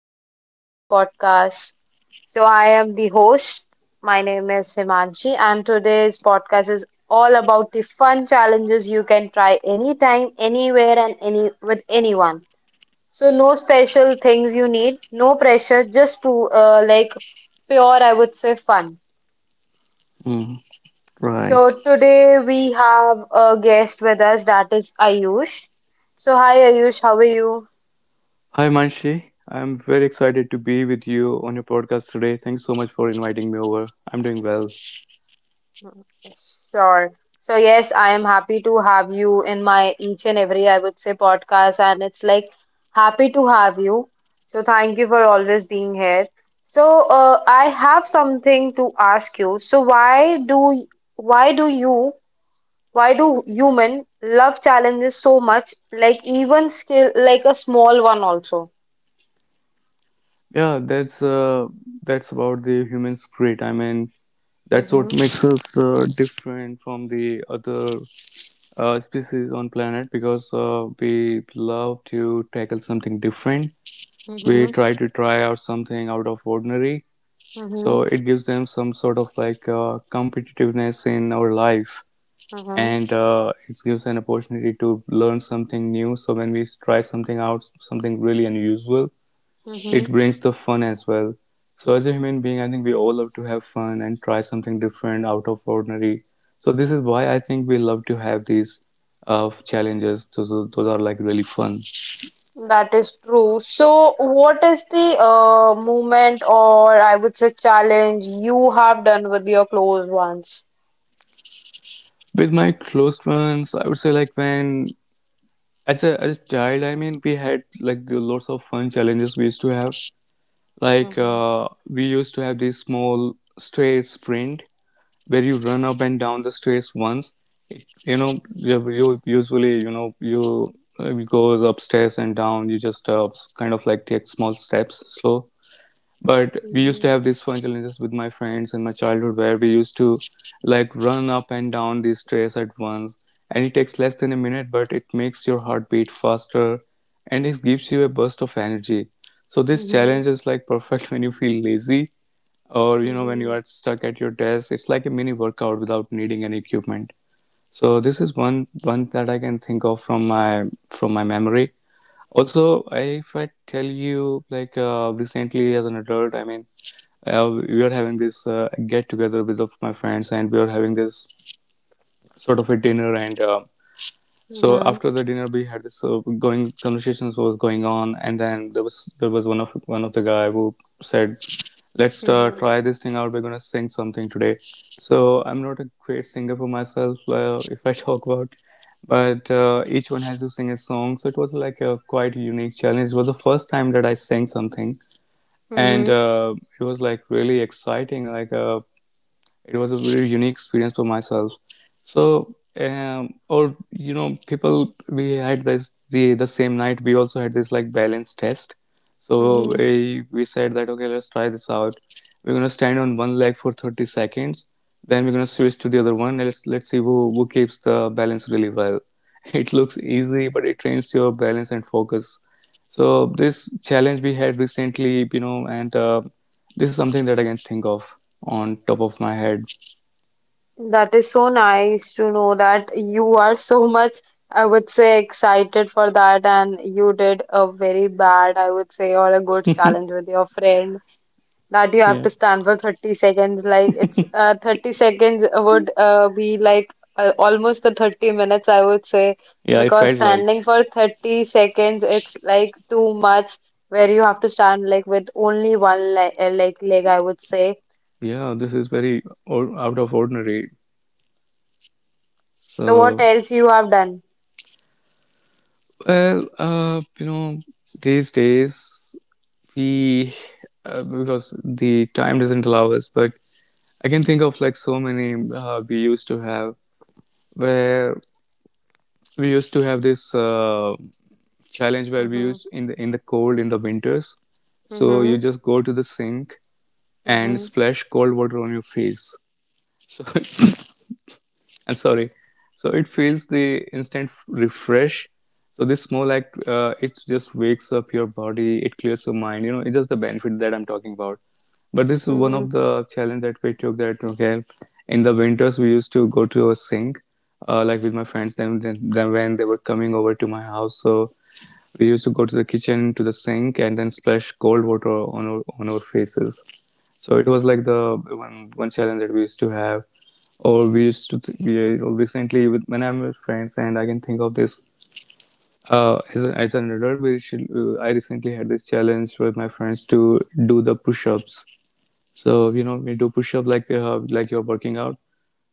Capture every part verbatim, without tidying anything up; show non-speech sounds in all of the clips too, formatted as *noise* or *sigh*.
Welcome back to the podcast. So, I am the host. My name is Himanshi, and today's podcast is all about the fun challenges you can try anytime, anywhere, and any with anyone. So, no special things you need, no pressure, just pu- uh, like pure, I would say, fun. Mm, right. So, today we have a guest with us that is Ayush. So, hi, Ayush, how are you? Hi, Manshi. I'm very excited to be with you on your podcast today. Thanks so much for inviting me over. I'm doing well. Mhm. Sure. So yes, I am happy to have you in my each and every, I would say, podcast, and it's like happy to have you. So thank you for always being here. So uh, I have something to ask you. So why do y- why do you why do human love challenges so much? Like even skill like a small one also. Yeah, that's uh, that's about the human spirit. I mean, that's Mm-hmm. what makes us uh, different from the other uh, species on planet because uh, we love to tackle something different. We Mm-hmm. try to try out something out of ordinary. Mm-hmm. So it gives them some sort of like uh, competitiveness in our life and uh, it gives an opportunity to learn something new. So when we try something out, something really unusual, it Mm-hmm. brings the fun as well. So as a human being, I think we all love to have fun and try something different, out of ordinary. So this is why I think we love to have these uh, challenges. So tho- those are like really fun. That is true. So, what is the uh, movement or I would say challenge you have done with your close ones? With my close ones, I would say like when as a as a child, I mean, we had like the lots of fun challenges we used to have. Like Mm-hmm. Uh, we used to have this small straight sprint where you run up and down the stairs once. It, you know, you, you usually, you know, you uh, goes upstairs and down. You just uh, kind of like take small steps, slow, but we used to Mm-hmm. have these fun challenges with my friends in my childhood where we used to like run up and down these stairs at once. And it takes less than a minute, but it makes your heart beat faster and it gives you a burst of energy. So this Mm-hmm. challenge is like *laughs* perfect when you feel lazy or you know when you Mm-hmm. are stuck at your desk. It's like a mini workout without needing any equipment. So this is one one that I can think of from my from my memory. Also, I- if I tell you like uh, recently as an adult, I mean, uh, we are having this uh, get together with my friends and we are having this sort of a dinner, and uh, so after Mm-hmm. the dinner we had this uh, going conversations was going on, and then there was there was one of one of the guy who said, let's uh, Mm-hmm. try this thing out. We're gonna sing something today. So I'm not a great singer for myself, uh, if I *laughs* talk about, but uh, each one has to sing a song. So it was like a quite unique challenge. It was the first time that I sang something. And Mm-hmm. uh, it was like really exciting, like uh, it was a very unique experience for myself. So, um, or you know, people, we had this the the same night. We also had this like balance test. So Mm-hmm. we we said that okay, let's try this out. We're gonna stand on one leg for thirty seconds. Then we're gonna switch to the other one. And Let's let's see who who keeps the balance really well. *laughs* It looks easy, but it trains your balance and focus. So this challenge we had recently, you know, and uh, this is something that I can think of on top of my head. That is so nice to know that you are so much, I would say, excited for that, and you did a very bad, I would say, or a good challenge with your friend. That you have Yeah. to stand for thirty seconds, like it's uh, thirty seconds would uh, be like uh, almost the thirty minutes, I would say, Yeah, I because felt like, standing for thirty seconds it's like too much, where you have to stand like with only one le uh, like leg, I would say. yeah, this is very or, out of ordinary. So what So, else you have done? well, uh, you know, these days we, uh, because the time doesn't allow us, but I can think of like so many uh, we used to have where we used to have this uh, challenge where we Hmm. used in the in the cold in the winters. So you Hmm. just go to the sink and Hmm. splash cold water on your face. So *laughs* I'm sorry. So it feels the instant f- refresh. So this more like uh, it just wakes up your body, it clears your mind. You know, it's just the benefit that I'm talking about. But this is one Hmm. of the challenge that we took. That okay, in the winters we used to go to a sink, uh, like with my friends. Then, then, then when they were coming over to my house, so we used to go to the kitchen to the sink and then splash cold water on our on our faces. So it was like the one one challenge that we used to have, or we used to th- we, you know, recently with when I'm with friends and I can think of this uh, as, a, as an adult. We should, uh, I recently had this challenge with my friends to do the push-ups. So you know we do push-up like uh, like you're working out.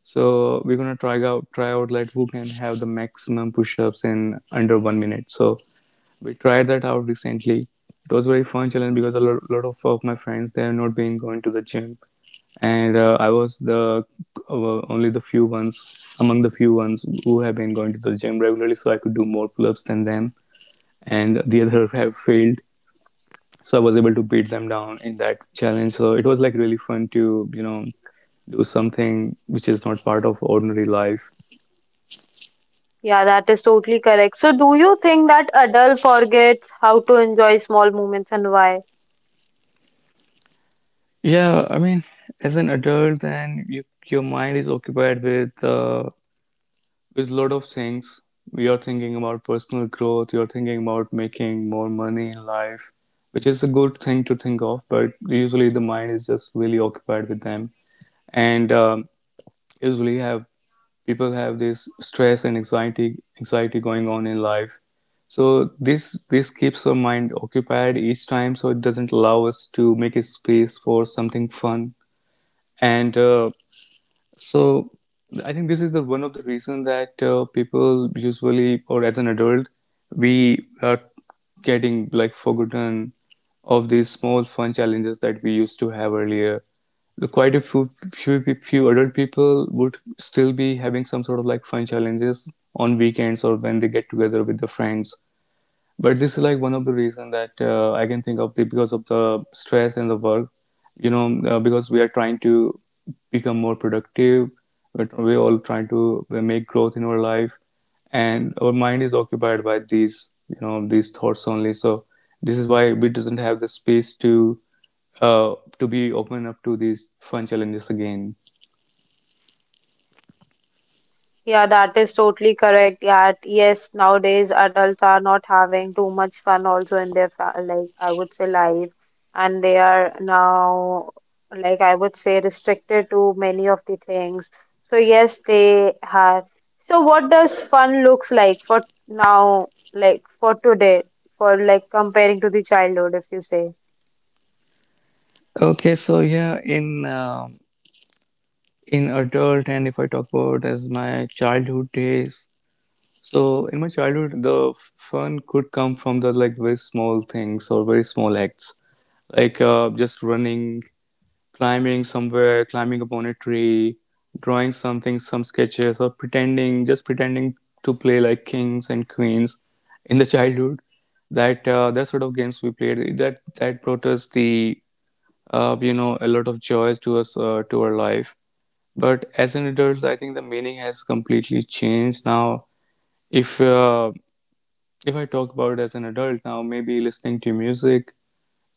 So we're gonna try out try out like who can have the maximum push-ups in under one minute. So we tried that out recently. It was a very fun challenge because a lot, lot of, of my friends they have not been going to the gym, and uh, I was the uh, only the few ones among the few ones who have been going to the gym regularly, so I could do more pull-ups than them, and the other *laughs* have failed, so I was able to beat them down in that challenge. So it was like really fun to, you know, do something which is not part of ordinary life. Yeah, that is totally correct. So do you think that adult forgets how to enjoy small moments, and why? Yeah, I mean, as an adult, then you, your mind is occupied with uh, with a lot of things. You're thinking about personal growth, you're thinking about making more money in life, which is a good thing to think of, but usually the mind is just really occupied with them. And um, usually have people have this stress and anxiety anxiety going on in life. So this this keeps our mind occupied each time, so it doesn't allow us to make a space for something fun. And uh, so I think this is the one of the reason that uh, people usually, or as an adult, we are getting like forgotten of these small fun challenges that we used to have earlier. The- Quite a few, few few adult people would still be having some sort of like fun challenges on weekends or when they get together with their friends, but this is like one of the reason that uh, I can think of, the, because of the stress in the work, you know, uh, because we are trying to become more productive, but we're all trying to uh, make growth in our life, and our mind is occupied by these, you know, these thoughts only. So this is why we doesn't have the space to uh, to be open up to these fun challenges again. Yeah, that is totally correct. Yeah, yes, nowadays adults are not having too much fun also in their fa like I would say life, and they are now like I would say restricted to many of the things. So yes, they have. So what does fun looks like for now, like for today, for like comparing to the childhood, if you say? Okay, so yeah in um in adult, and if I talk about as my childhood days, so in my childhood, the f- fun could come from the like very small things or very small acts, like uh, just running, climbing somewhere, climbing upon a tree, drawing something, some sketches, or pretending, just pretending to play like kings and queens in the childhood. That uh, that sort of games we played, that that brought us the uh, you know a lot of joys to us uh, to our life. But as an adult, I think the meaning has completely changed now. if uh, if I talk about it as an adult now, maybe listening to music,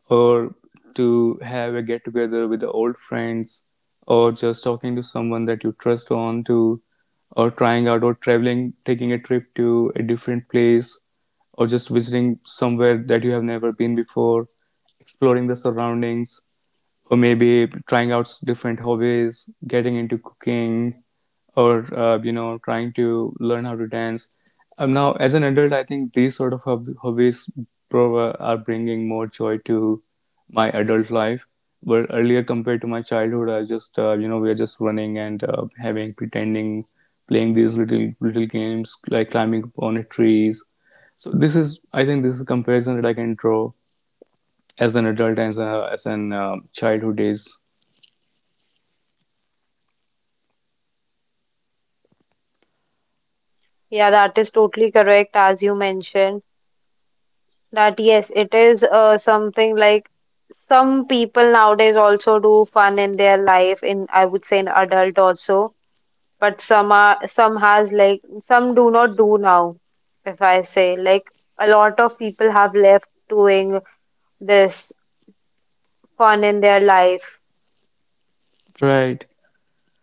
or to have a get together with the old friends, or just talking to someone that you trust on to, or trying out, or traveling, taking a trip to a different place, or just visiting somewhere that you have never been before, exploring the surroundings, or maybe trying out different hobbies, getting into cooking, or uh, you know trying to learn how to dance. Um, now as an adult I think these sort of hob- hobbies prov- are bringing more joy to my adult life, but earlier compared to my childhood I just, uh, you know, we are just running and uh, having pretending, playing these little little games like climbing up on trees. So this is, I think this is a comparison that I can draw as an adult and as, a, as an um, childhood days. Yeah, that is totally correct as you mentioned. That yes, it is uh, something like some people nowadays also do fun in their life in I would say in adult also, but some are some has like some do not do now, if I say like a lot of people have left doing this fun in their life. Right.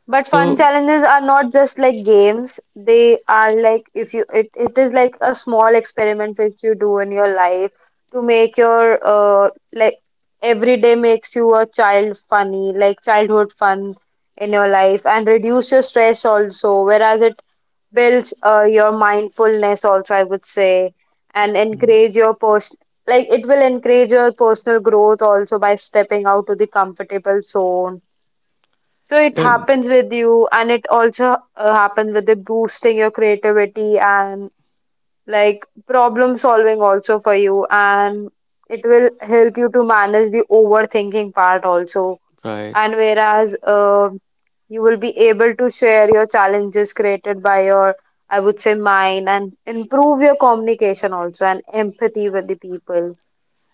But fun So challenges are not just like games. They are like if you it, it is like a small experiment which you do in your life to make your uh like every day makes you a child funny, like childhood fun in your life and reduce your stress also, whereas it builds uh, your mindfulness also, I would say, and encourage your person like it will encourage your personal growth also by stepping out to the comfortable zone so it yeah. happens with you, and it also uh, happens with the boosting your creativity and like problem solving also for you, and it will help you to manage the overthinking part also. Right. And whereas uh, you will be able to share your challenges created by your, I would say, mind and improve your communication also and empathy with the people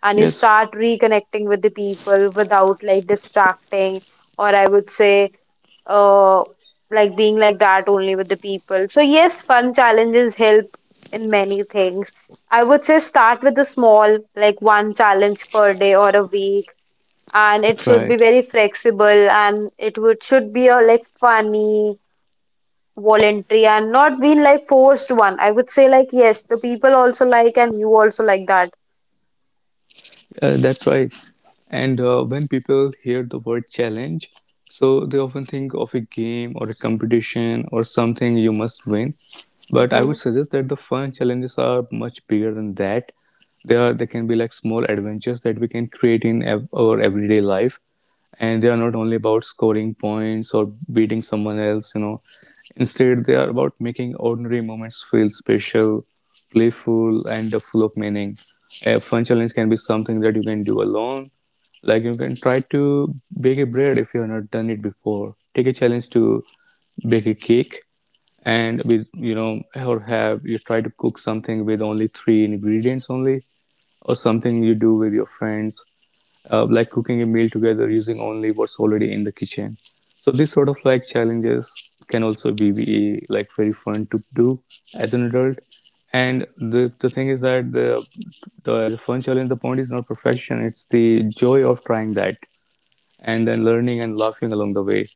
and you Yes. start reconnecting with the people without like distracting or I would say uh like being like that only with the people. So yes, fun challenges help in many things. I would say start with the small, like one challenge per day or a week, and it should be Right. very flexible and it would should be a like funny, voluntary, and not being like forced one. I would say like yes, the people also like and you also like that. Uh, that's why. And uh, when people hear the word challenge, so they often think of a game or a competition or something you must win. But I Mm-hmm. would suggest that the fun challenges are much bigger than that. They are they can be like small adventures that we can create in ev- our everyday life, and they are not only about scoring points or beating someone else you know Instead, they are about making ordinary moments feel special, playful, and uh, full of meaning. A fun challenge can be something that you can do alone. Like, you can try to bake a bread. If you have not done it before, take a challenge to bake a cake. And with you know or have you try to cook something with only three ingredients only, or something you do with your friends. Uh, like cooking a meal together using only what's already in the kitchen. So these sort of like challenges can also be, be like very fun to do as an adult. And the, the thing is that the, the the fun challenge, the point is not perfection; it's the joy of trying that, and then learning and laughing along the way.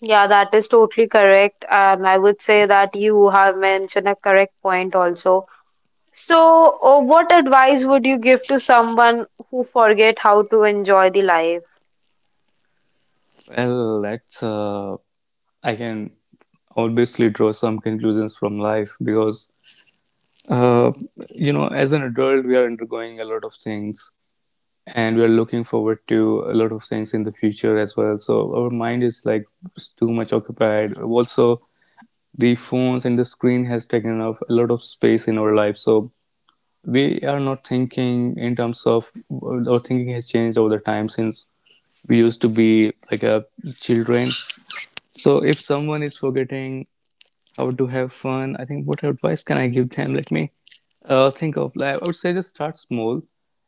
Yeah, that is totally correct. And I would say that you have mentioned a correct point also. So, uh, what advice would you give to someone who forget how to enjoy the life? Well, that's uh, I can obviously draw some conclusions from life because uh, you know, as an adult, we are undergoing a lot of things, and we're looking forward to a lot of things in the future as well, so our mind is like too much occupied. Also, the phones and the screen has taken up a lot of space in our life, so we are not thinking in terms of, our thinking has changed over the time since we used to be like a children. So if someone is forgetting how to have fun, I think what advice can I give them? Let me uh, think of, like, I would say just start small.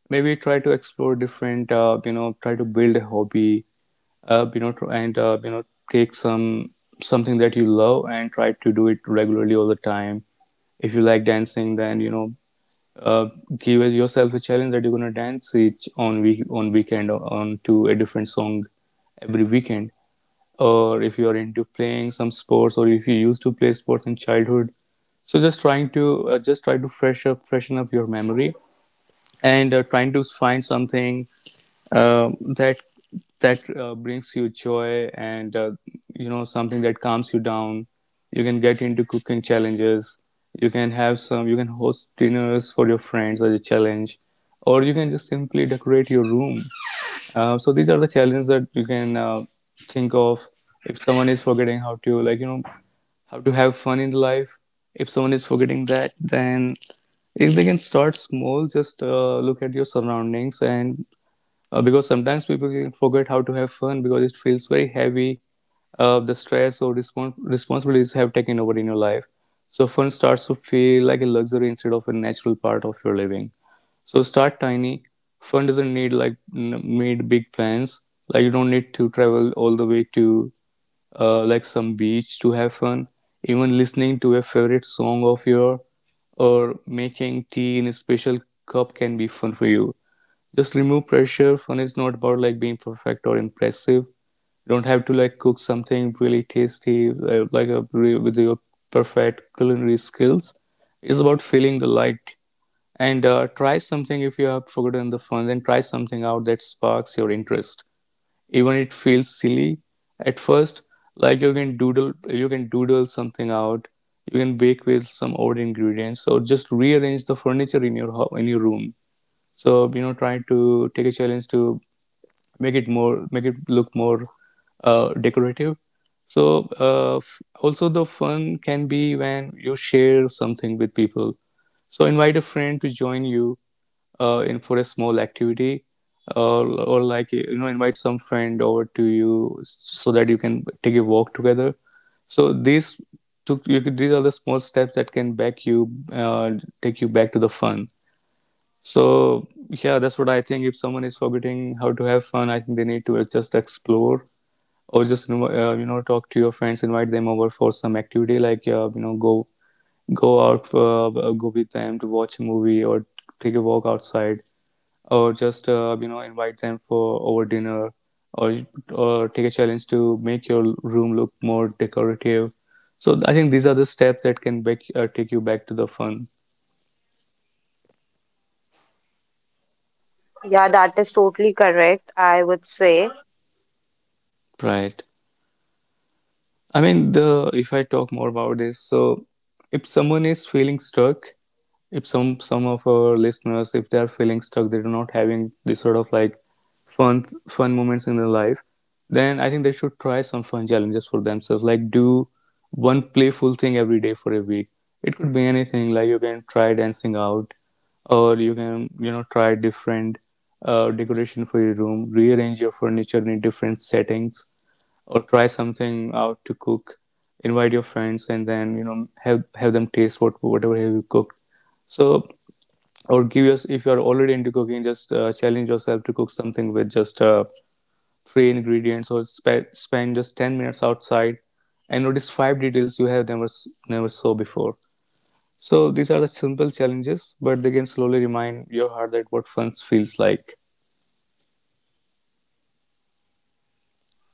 Maybe try to explore different. Uh, you know, try to build a hobby. Uh, you know, tr- and uh, you know, take some something that you love and try to do it regularly all the time. If you like dancing, then you know, uh, give yourself a challenge that you're gonna dance each on week on weekend on to a different song every weekend. Or if you are into playing some sports, or if you used to play sports in childhood, so just trying to uh, just try to fresh up freshen up your memory and uh, trying to find something, um that that uh, brings you joy, and uh, you know, something that calms you down. You can get into cooking challenges. You can have some, you can host dinners for your friends as a challenge, or you can just simply decorate your room. Uh, so these are the challenges that you can uh, think of if someone is forgetting how to, like, you know, how to have fun in life. If someone is forgetting that, then if they can start small, just uh, look at your surroundings. And uh, because sometimes people can forget how to have fun because it feels very heavy. Uh, the stress or respons- responsibilities have taken over in your life. So fun starts to feel like a luxury instead of a natural part of your living. So start tiny. Fun doesn't need like n- made big plans. Like, you don't need to travel all the way to uh, like some beach to have fun. Even listening to a favorite song of your, or making tea in a special cup, can be fun for you. Just remove pressure. Fun is not about like being perfect or impressive. You don't have to like cook something really tasty uh, like a, with your perfect culinary skills. It's about feeling the light, and uh, try something. If you have forgotten the fun, then try something out that sparks your interest, even it feels silly at first. Like, you can doodle, you can doodle something out. You can bake with some odd ingredients, or just rearrange the furniture in your ho- in your room. So, you know, try to take a challenge to make it more make it look more uh, decorative. So uh, f- also the fun can be when you share something with people. So invite a friend to join you uh, in for a small activity. uh, or, like, you know, invite some friend over to you so that you can take a walk together. So these took you could- these are the small steps that can back you, uh, take you back to the fun. So yeah, that's what I think. If someone is forgetting how to have fun, I think they need to just explore, or just, you know, uh, you know, talk to your friends, invite them over for some activity, like, uh, you know, go go out, uh, go with them to watch a movie, or take a walk outside, or just, uh, you know, invite them for over dinner. or or take a challenge to make your room look more decorative. So I think these are the steps that can back, uh, take you back to the fun. Yeah, that is totally correct, I would say. Right. I mean, the if I talk more about this, so if someone is feeling stuck, if some some of our listeners, if they are feeling stuck, they're not having this sort of like fun fun moments in their life, then I think they should try some fun challenges for themselves. Like, do one playful thing every day for a week. It could be anything. Like, you can try dancing out, or you can, you know, try different uh, decoration for your room, rearrange your furniture in different settings, or try something out to cook. Invite your friends, and then, you know, have have them taste what whatever you cooked. So, or give us, if you're already into cooking, just uh, challenge yourself to cook something with just uh, three ingredients, or spe- spend just ten minutes outside and notice five details you have never s- never saw before. So these are the simple challenges, but they can slowly remind your heart that what fun feels like.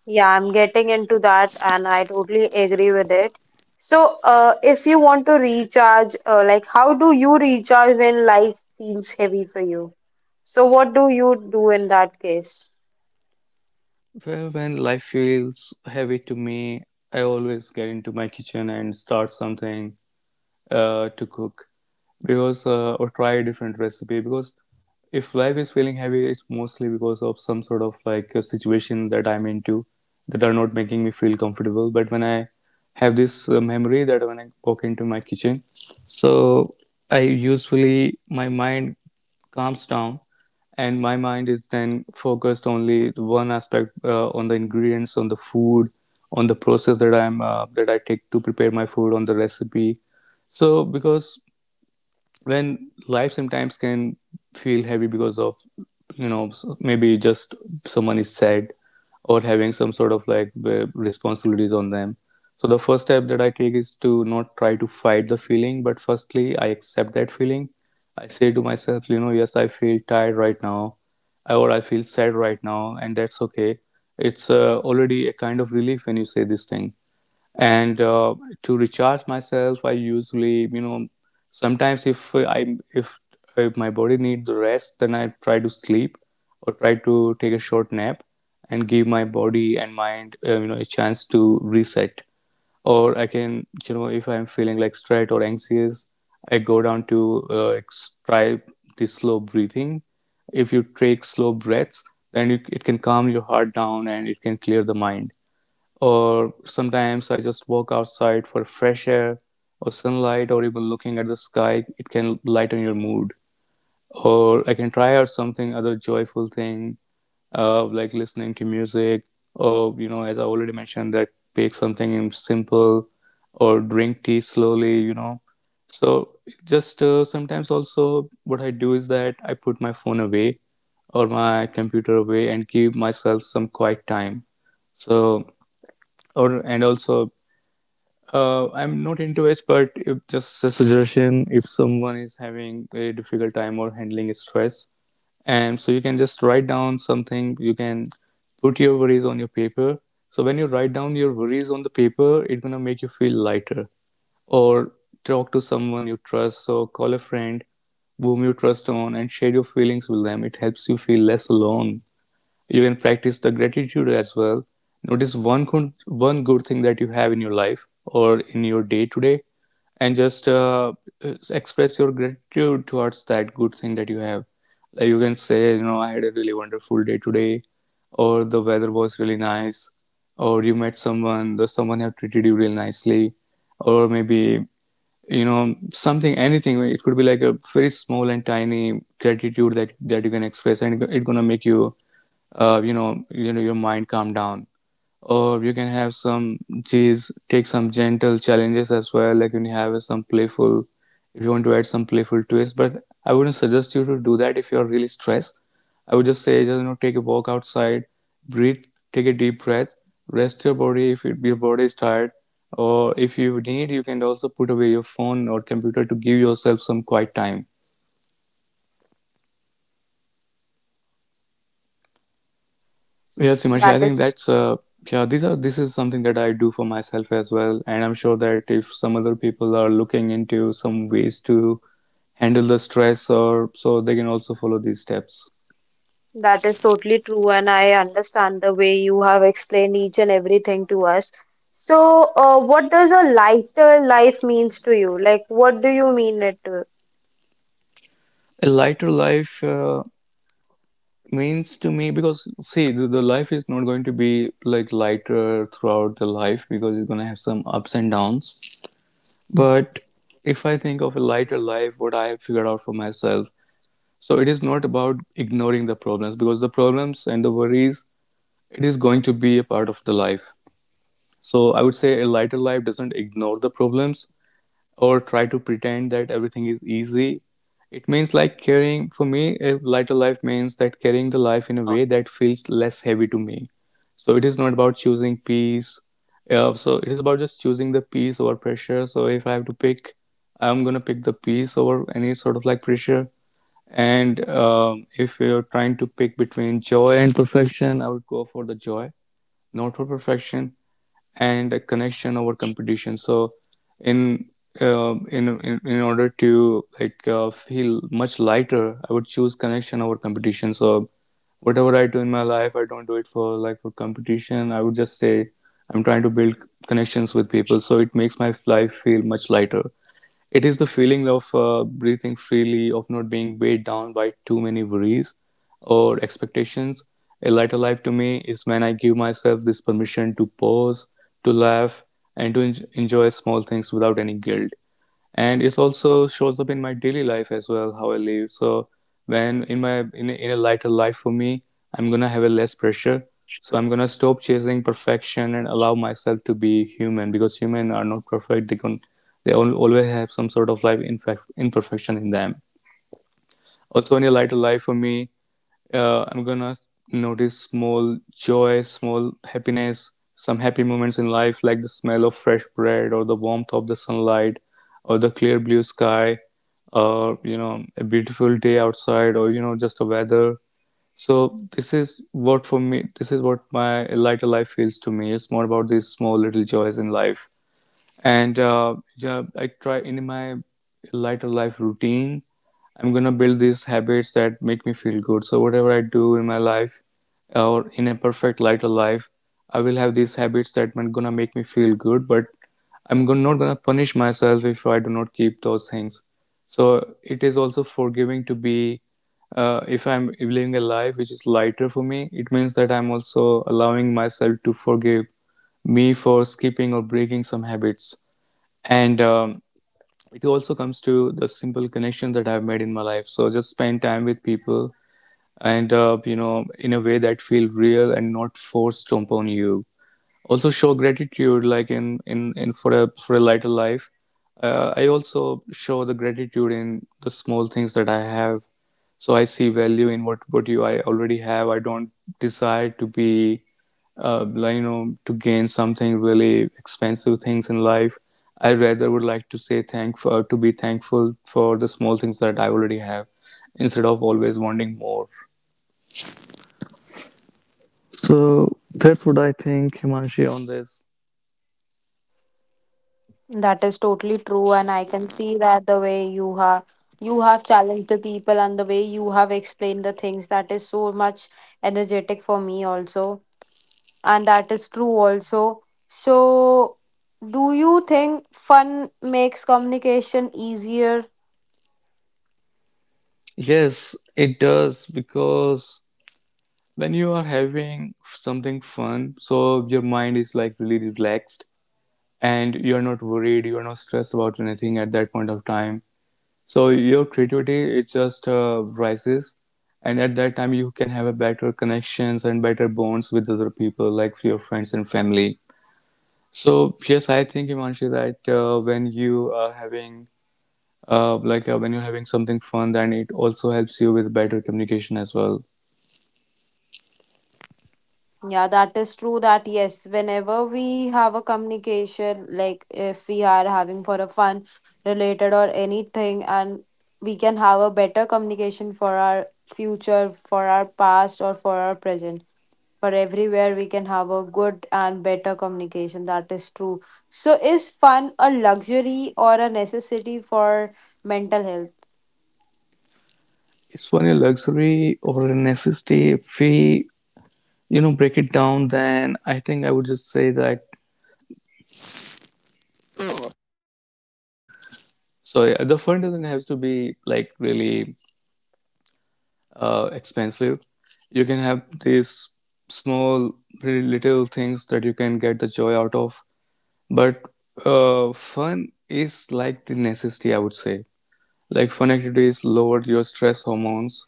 Yeah, I'm getting into that and I totally agree with it. So, uh, if you want to recharge, uh, like how do you recharge when life feels heavy for you? So, what do you do in that case? Well, when life feels heavy to me, I always get into my kitchen and start something uh, to cook. Because uh, or try a different recipe. Because if life is feeling heavy, it's mostly because of some sort of like a situation that I'm into, that are not making me feel comfortable. But when I have this uh, memory that when I walk into my kitchen, so I usually, my mind calms down, and my mind is then focused only to one aspect, uh, on the ingredients, on the food, on the process that I'm uh, that I take to prepare my food, on the recipe. So because then life sometimes can feel heavy because of, you know, maybe just someone is sad, or having some sort of like uh, responsibilities on them. So the first step that I take is to not try to fight the feeling, but firstly I accept that feeling. I say to myself, you know, yes, I feel tired right now, or I feel sad right now, and that's okay. It's uh, already a kind of relief when you say this thing. And uh, to recharge myself, I usually, you know, sometimes if i if if my body needs the rest, then I try to sleep, or try to take a short nap, and give my body and mind uh, you know, a chance to reset. Or I can, you know, if I'm feeling like stressed or anxious, I go down to uh, ex- try the slow breathing. If you take slow breaths, then you, it can calm your heart down, and it can clear the mind. Or sometimes I just walk outside for fresh air, or sunlight, or even looking at the sky, it can lighten your mood. Or I can try out something other joyful thing, uh, like listening to music, or, you know, as I already mentioned, that bake something simple, or drink tea slowly, you know. So just uh, sometimes, also, what I do is that I put my phone away or my computer away, and give myself some quiet time. So, or, and also, uh, I'm not into it, but if, just a suggestion, if someone is having a difficult time or handling stress, and so you can just write down something. You can put your worries on your paper. So when you write down your worries on the paper, it's gonna make you feel lighter. Or talk to someone you trust, so call a friend whom you trust on, and share your feelings with them. It helps you feel less alone. You can practice the gratitude as well. Notice one good, one good thing that you have in your life or in your day to day, and just uh, uh, express your gratitude towards that good thing that you have. Like you can say, you know, I had a really wonderful day today, or the weather was really nice, or you met someone, the someone have treated you really nicely, or maybe, you know, something, anything. It could be like a very small and tiny gratitude that that you can express, and it's gonna make you uh, you know, you know, your mind calm down. Or you can have some G's, take some gentle challenges as well. Like when you have some playful, if you want to add some playful twist. But I wouldn't suggest you to do that if you're really stressed. I would just say, just, you know, take a walk outside, breathe, take a deep breath, rest your body if it, your body is tired. Or if you need, you can also put away your phone or computer to give yourself some quiet time. Yes, Himanshu, I That think is that's uh yeah, these are this is something that I do for myself as well, and I'm sure that if some other people are looking into some ways to handle the stress or so they can also follow these steps. That is totally true, and I understand the way you have explained each and everything to us. So, uh, what does a lighter life means to you? Like, what do you mean it? A lighter life uh, means to me because see the, the life is not going to be like lighter throughout the life because it's going to have some ups and downs. But if I think of a lighter life, what I have figured out for myself, so it is not about ignoring the problems because the problems and the worries, it is going to be a part of the life. So I would say a lighter life doesn't ignore the problems or try to pretend that everything is easy. It means like caring for me, a lighter life means that carrying the life in a way that feels less heavy to me. So it is not about choosing peace. Uh, so it is about just choosing the peace over pressure. So if I have to pick, I'm gonna pick the peace over any sort of like pressure. And um, if you're trying to pick between joy and perfection, I would go for the joy, not for perfection, and a connection over competition. So in um, in, in in order to like uh, feel much lighter, I would choose connection over competition. So whatever I do in my life, I don't do it for like for competition. I would just say I'm trying to build connections with people, so it makes my life feel much lighter. It is the feeling of uh, breathing freely, of not being weighed down by too many worries or expectations. A lighter life to me is when I give myself this permission to pause, to laugh, and to en- enjoy small things without any guilt, and it also shows up in my daily life as well, how I live. So when in my in a, in a lighter life for me, I'm gonna have a less pressure, so I'm gonna stop chasing perfection and allow myself to be human, because humans are not perfect. They can, they al- always have some sort of life infec- imperfection in them. Also, in a lighter life for me, uh, I'm gonna notice small joy, small happiness, some happy moments in life, like the smell of fresh bread or the warmth of the sunlight, or the clear blue sky, or you know, a beautiful day outside, or you know, just the weather. So this is what for me. This is what my lighter life feels to me. It's more about these small little joys in life. And uh, yeah, I try in my lighter life routine. I'm gonna build these habits that make me feel good. So whatever I do in my life, uh, or in a perfect lighter life, I will have these habits that are gonna make me feel good. But I'm gonna, not gonna punish myself if I do not keep those things. So it is also forgiving to be. Uh, if I'm living a life which is lighter for me, it means that I'm also allowing myself to forgive me for skipping or breaking some habits. And um, it also comes to the simple connections that I've made in my life. So just spend time with people and, uh, you know, in a way that feel real and not forced upon you. Also show gratitude, like in, in, in for a, for a lighter life. Uh, I also show the gratitude in the small things that I have. So I see value in what, what you I already have. I don't desire to be uh, like, you know, to gain something really expensive things in life. I rather would like to say thank uh, to be thankful for the small things that I already have instead of always wanting more. So that's what I think, Himanshi, on this. That is totally true, and I can see that the way you have you have challenged the people and the way you have explained the things that is so much energetic for me also, and that is true also. So, do you think fun makes communication easier? Yes, it does, because when you are having something fun, so your mind is like really relaxed and you're not worried, you're not stressed about anything at that point of time. So your creativity, it just uh, rises, and at that time you can have a better connections and better bonds with other people, like your friends and family. So yes, I think Himanshi that uh, when you are having uh, like uh, when you're having something fun, then it also helps you with better communication as well. Yeah, that is true that yes, whenever we have a communication, like if we are having for a fun related or anything, and we can have a better communication for our future, for our past, or for our present. For everywhere, we can have a good and better communication. That is true. So, is fun a luxury or a necessity for mental health? It's one a luxury or a necessity. If we, you know, break it down, then I think I would just say that. So yeah, the fun doesn't have to be like really uh, expensive. You can have these small, pretty little things that you can get the joy out of. But uh, fun is like the necessity, I would say. Like fun activities lower your stress hormones,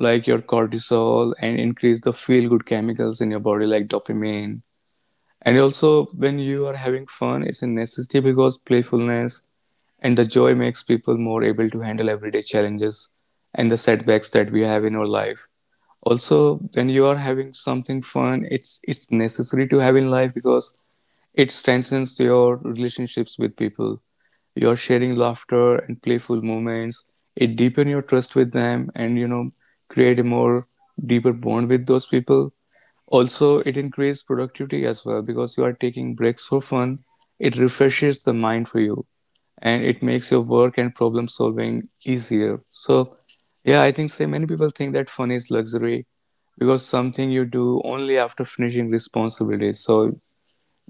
like your cortisol, and increase the feel-good chemicals in your body, like dopamine. And also, when you are having fun, it's a necessity because playfulness and the joy makes people more able to handle everyday challenges and the setbacks that we have in our life. Also, when you are having something fun, it's it's necessary to have in life because it strengthens your relationships with people. You are sharing laughter and playful moments. It deepens your trust with them and, you know, create a more deeper bond with those people. Also, it increases productivity as well because you are taking breaks for fun. It refreshes the mind for you and it makes your work and problem solving easier. So, yeah, I think say many people think that fun is luxury because something you do only after finishing responsibilities. So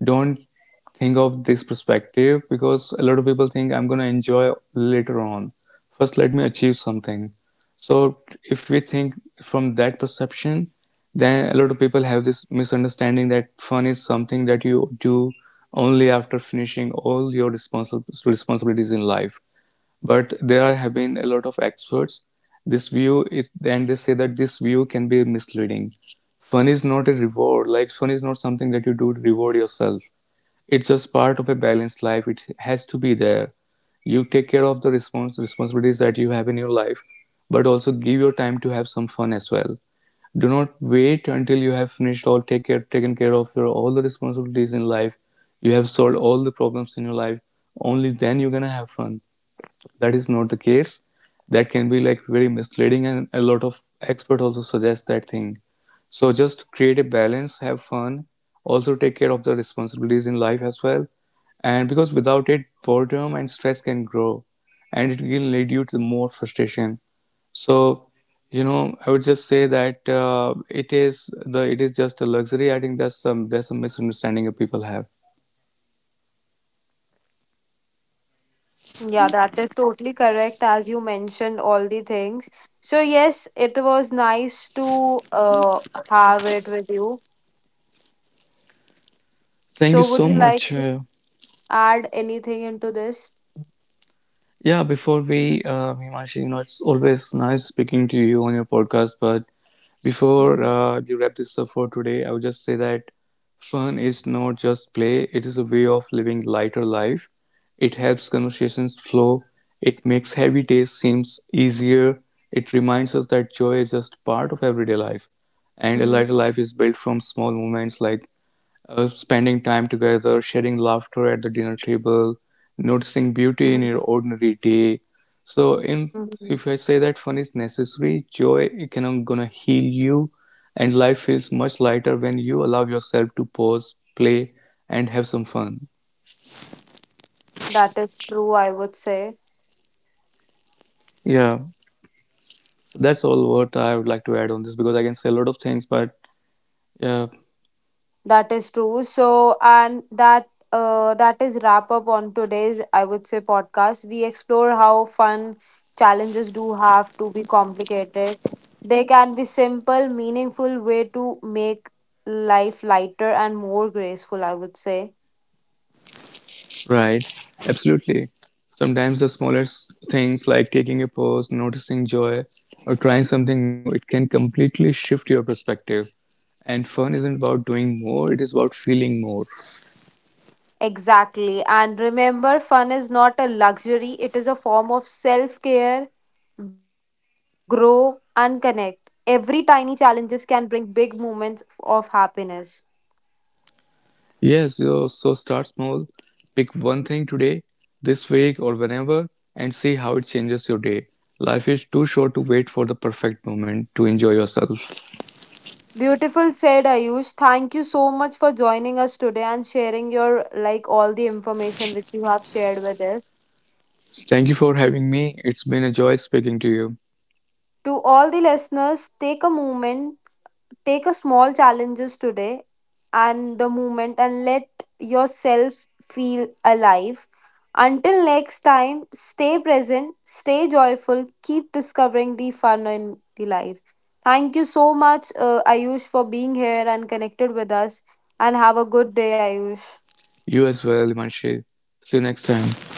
don't think of this perspective, because a lot of people think I'm going to enjoy later on. First, let me achieve something. So, if we think from that perception, then a lot of people have this misunderstanding that fun is something that you do only after finishing all your responsi- responsibilities in life. But there are- have been a lot of experts. This view is, and they say that this view can be misleading. Fun is not a reward. Like fun is not something that you do to reward yourself. It's just part of a balanced life. It has to be there. You take care of the respons responsibilities that you have in your life, but also give your time to have some fun as well. Do not wait until you have finished all, take care taken care of your all the responsibilities in life, you have solved all the problems in your life, only then you're gonna have fun. That is not the case. That can be like very misleading, and a lot of experts also suggest that thing. So just create a balance, have fun, also take care of the responsibilities in life as well. And because without it boredom and stress can grow, and it will lead you to more frustration. So, you know, I would just say that uh, it is, the it is just a luxury, I think. That's some that's a misunderstanding that people have. Yeah, that is totally correct as you mentioned all the things. So, yes, it was nice to uh, have it with you. Thank you So, would so you like much. to uh, add anything into this? Yeah, before we, uh, Himanshi, you know, it's always nice speaking to you on your podcast. But before Mm-hmm. uh, you wrap this up for today, I would just say that fun is not just play, it is a way of living lighter life. It helps conversations flow, it makes heavy days seems easier, it reminds us that joy is just part of everyday life. And a lighter Mm-hmm. life is built from small moments, like uh, spending time together, sharing laughter at the dinner table, noticing Mm-hmm. beauty in your ordinary day. So, in Mm-hmm. If I say that fun is necessary, joy it can, I'm gonna heal you, and life feels much lighter when you allow yourself to pause, play, and have some fun. That is true, I would say. Yeah, that's all what I would like to add on this, because I can say a lot of things, but yeah. That is true. So, and that uh, that is wrap up on today's, I would say, podcast. We explore how fun challenges do have to be complicated. They can be simple, meaningful way to make life lighter and more graceful, I would say. Right, absolutely. Sometimes the smallest things, like taking a pause, noticing joy, or trying something new, it can completely shift your perspective. And fun isn't about doing more, it is about feeling more. Exactly. And remember, fun is not a luxury, it is a form of self care, grow, and connect. Every tiny challenges can bring big moments of happiness. Yes, so so start small. Pick one thing today, this week, or whenever, and see how it changes your day. Life is too short to wait for the perfect moment to enjoy yourself. Beautiful said Ayush. Thank you so much for joining us today and sharing your like all the information which you have shared with us. Thank you for having me. It's been a joy speaking to you. To all the listeners, take a moment, take a small challenges today and the moment and let yourself feel alive. Until next time, stay present, stay joyful, keep discovering the fun in the life. Thank you so much, uh, Ayush, for being here and connected with us. And have a good day, Ayush. You as well, Himanshi. See you next time.